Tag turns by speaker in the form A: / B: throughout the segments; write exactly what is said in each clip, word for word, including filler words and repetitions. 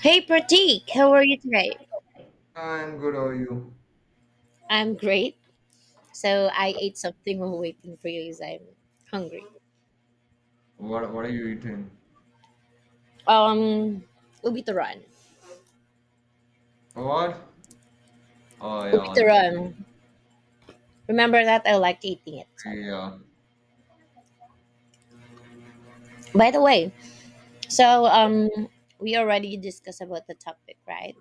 A: Hey Pratik, how are you today?
B: I'm good. How are you?
A: I'm great. So I ate something while waiting for you because I'm hungry.
B: What what are you eating?
A: Um, ubituron.
B: What? Oh yeah, that's
A: Ubituron. Remember that I liked eating it. So,
B: yeah.
A: by the way, so um, we already discussed about the topic, right?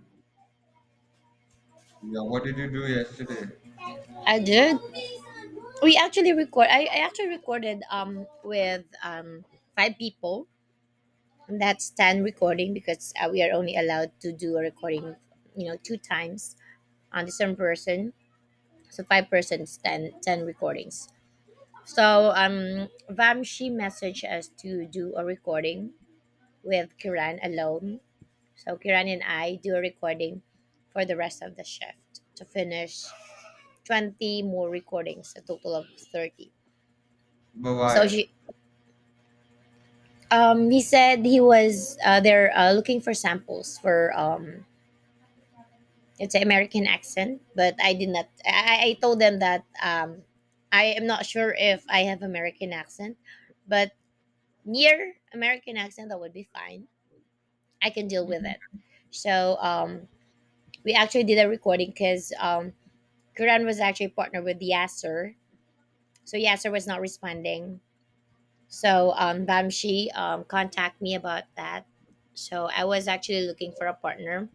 B: Yeah, what did you do yesterday?
A: I did. We actually record. I, I actually recorded um with um five people. And that's ten recording because uh, we are only allowed to do a recording, you know, two times on the same person. So five persons, ten ten recordings. So um, Vamshi messaged us to do a recording with Kiran alone. So Kiran and I do a recording for the rest of the shift to finish twenty more recordings, a total of thirty.
B: But
A: So
B: why?
A: she, um, he said he was uh, there uh, looking for samples for um, it's an American accent, but I did not. I, I told them that um, I am not sure if I have American accent, but near American accent, that would be fine. I can deal with it. So um, we actually did a recording because um, Kiran was actually partnered with Yasser. So Yasser was not responding. So um, Bamshi um, contacted me about that. So I was actually looking for a partner.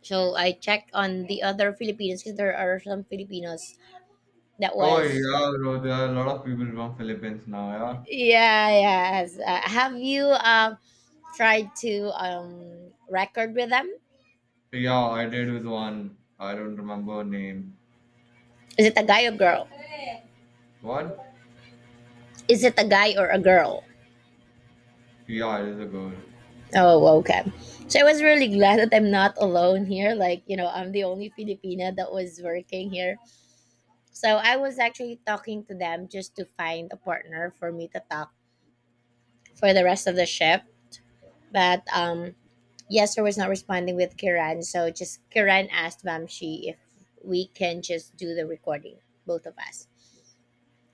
A: So I checked on the other Filipinos because there are some Filipinos that
B: Oh
A: was
B: yeah, bro, there are a lot of people from Philippines now,
A: yeah, yes. Uh, have you um tried to um record with them?
B: yeah. Yeah, I did with one. I don't remember her name.
A: Is it a guy or girl?
B: What?
A: Is it a guy or a girl?
B: Yeah, it is a girl.
A: Oh, okay. So I was really glad that I'm not alone here. Like, you know, I'm the only Filipina that was working here. So I was actually talking to them just to find a partner for me to talk for the rest of the ship. But um Yester was not responding with Kiran, so just Kiran asked Vamshi if we can just do the recording, both of us.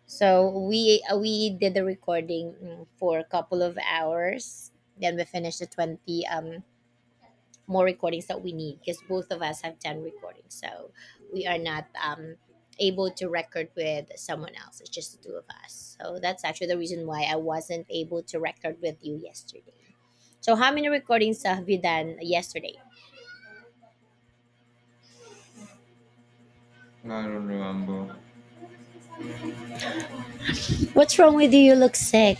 A: So we uh, we did the recording mm, for a couple of hours. Then we finished the twenty um more recordings that we need because both of us have done recordings, so we are not um, able to record with someone else. It's just the two of us, so that's actually the reason why I wasn't able to record with you yesterday. So how many recordings have you done yesterday?
B: I don't remember.
A: What's wrong with you? You look sick.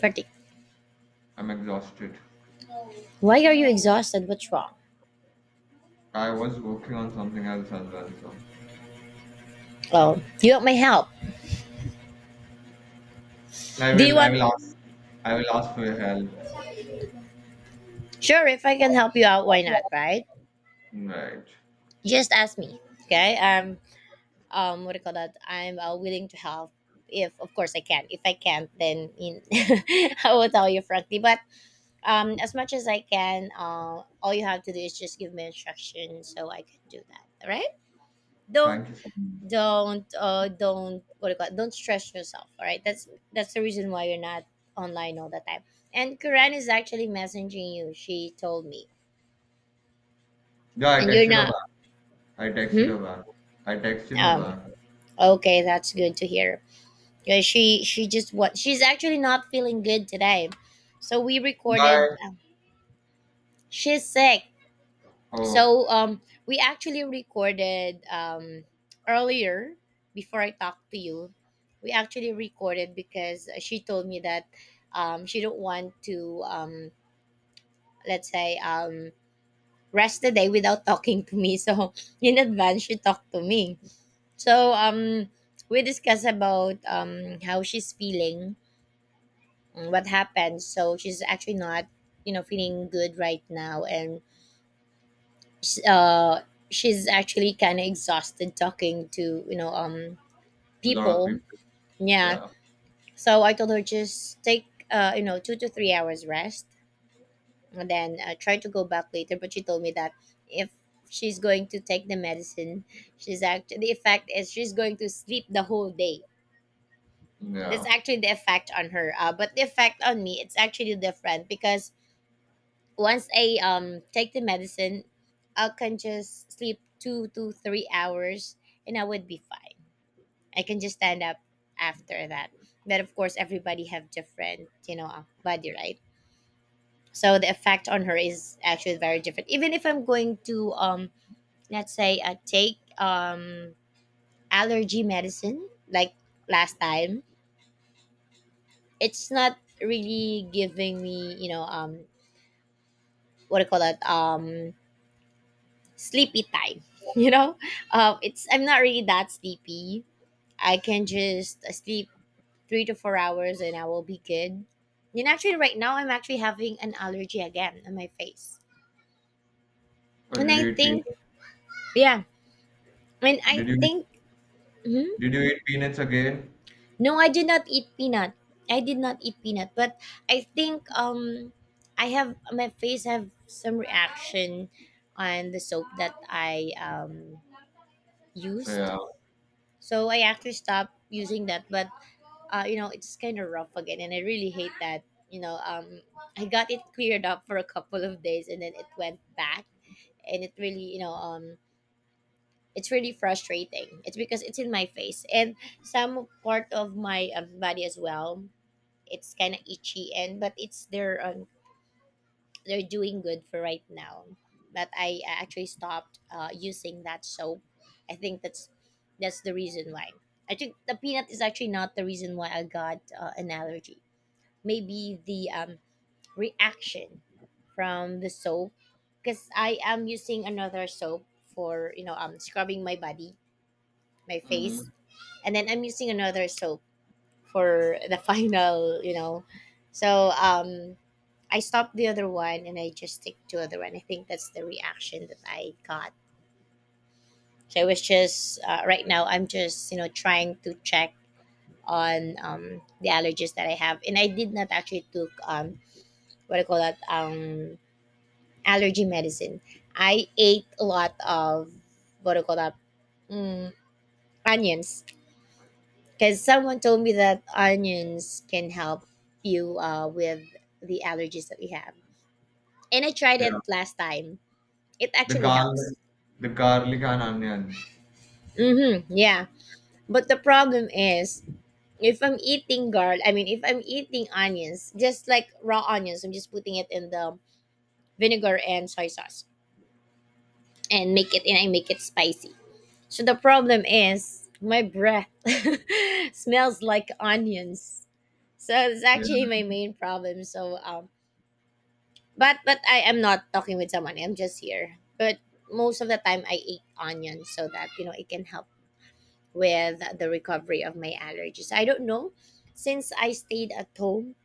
A: Party.
B: I'm exhausted.
A: Why are you exhausted? What's wrong?
B: I was working on something else as well, so
A: Oh, you want my help?
B: I
A: Do you
B: will I
A: want?
B: will ask. I will ask for your help.
A: Sure, if I can help you out, why not? Right?
B: Right.
A: Just ask me. Okay. Um, um what do you call that, I'm uh, willing to help, if of course I can. If I can't, then in I will tell you frankly, but um as much as I can. Uh all you have to do is just give me instruction so I can do that, all right? Don't,
B: Thank you so much.
A: don't uh don't what do you call it? Don't stress yourself, all right? That's that's the reason why you're not online all the time, and Kuran is actually messaging you. She told me,
B: Yeah, I
A: and you're
B: texted her.
A: not.
B: I texted her
A: Hmm?
B: back. I texted her
A: um
B: back.
A: okay, that's good to hear. Yeah, she she just what, she's actually not feeling good today, so we recorded.
B: Bye.
A: Um, she's sick,
B: Oh,
A: so um we actually recorded um earlier before I talked to you. We actually recorded because she told me that um she don't want to um let's say um rest the day without talking to me. So in advance she talked to me. So um we discussed about um how she's feeling, mm, what happened. So she's actually not, you know, feeling good right now, and sh- uh, she's actually kind of exhausted talking to, you know, um
B: a lot of
A: people.
B: people.
A: Yeah.
B: Yeah,
A: So I told her just take uh you know two to three hours rest, and then uh, try to go back later. But she told me that if she's going to take the medicine, she's actually the effect is she's going to sleep the whole day. That's
B: yeah.
A: actually the effect on her. Uh, but the effect on me, it's actually different because once I um take the medicine, I can just sleep two to three hours and I would be fine. I can just stand up after that. But of course, everybody have different, you know, uh, body, right? So the effect on her is actually very different. Even if I'm going to um let's say uh, take um allergy medicine like last time, it's not really giving me, you know, um what do you call that? Um sleepy time you know, um, it's, I'm not really that sleepy. I can just uh, sleep three to four hours and I will be good. And actually right now I'm actually having an allergy again on my face,
B: Oh,
A: and
B: did
A: I
B: you eat
A: think,
B: peanuts?
A: yeah, and I
B: Did you
A: think, mhm.
B: did you eat peanuts again?
A: No, I did not eat peanut. I did not eat peanut, but I think um I have, my face have some reaction on the soap that I um used.
B: Yeah.
A: So I actually stopped using that, but uh, you know, it's kind of rough again, and I really hate that. You know, um, I got it cleared up for a couple of days, and then it went back, and it really, you know, um, it's really frustrating. It's because it's in my face and some part of my um, body as well. It's kind of itchy, and but it's they're um, they're doing good for right now. But I uh, actually stopped uh, using that soap. I think that's that's the reason why. I think the peanut is actually not the reason why I got uh, an allergy, maybe the um, reaction from the soap, because I am using another soap for, you know, um scrubbing my body, my face,
B: Hmm.
A: and then I'm using another soap for the final, you know. So um, I stopped the other one and I just stick to other one. I think that's the reaction that I got. So I was just uh, right now I'm just, you know, trying to check on um, the allergies that I have, and I did not actually took um what I call that um allergy medicine. I ate a lot of, what do you call that? Mm, onions, because someone told me that onions can help you uh, with the allergies that we have. And I tried it
B: Yeah.
A: last time. It
B: The
A: actually helps.
B: garlic, the garlic and onions.
A: Mm-hmm. Yeah. But the problem is if I'm eating garlic, I mean, if I'm eating onions, just like raw onions, I'm just putting it in the vinegar and soy sauce. And make it, and I make it spicy. So the problem is my breath smells like onions. So it's
B: Yeah.
A: actually my main problem. So um but but I am not talking with someone. I'm just here. But most of the time I eat onions so that you know it can help with the recovery of my allergies. I don't know. Since I stayed at home,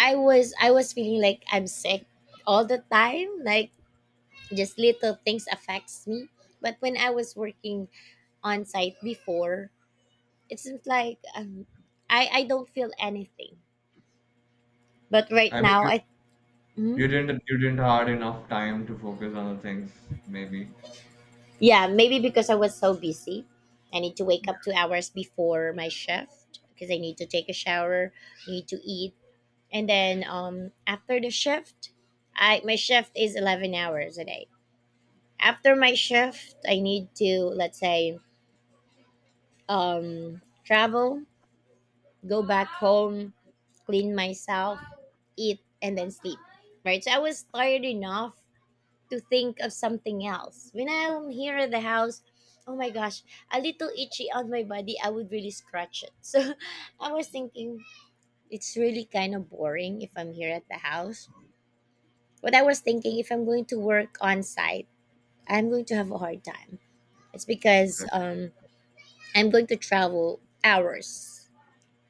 A: I was I was feeling like I'm sick all the time. Like just little things affects me. But when I was working on site before, it seems like um, I I don't feel anything. But right
B: I mean,
A: now,
B: you,
A: I, mm,
B: you didn't you didn't had enough time to focus on the things. Maybe.
A: yeah, maybe because I was so busy. I need to wake up two hours before my shift because I need to take a shower, need to eat, and then um after the shift, I my shift is eleven hours a day. After my shift, I need to, let's say, um travel, go back home, clean myself, eat, and then sleep. Right? So I was tired enough to think of something else. When I'm here at the house, oh my gosh, a little itchy on my body, I would really scratch it. So I was thinking it's really kind of boring if I'm here at the house. But I was thinking if I'm going to work on site, I'm going to have a hard time. It's because
B: Right.
A: um, I'm going to travel hours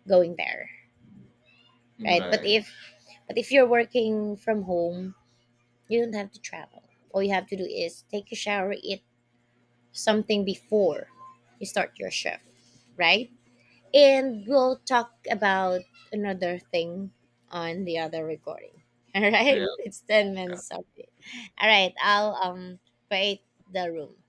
A: going there, right? But
B: Right.
A: if but if you're working from home, you don't have to travel. All you have to do is take a shower, eat something before you start your shift, right? And we'll talk about another thing on the other recording. All
B: Yeah,
A: right,
B: yeah.
A: it's ten minutes of it. All right, I'll um create the room.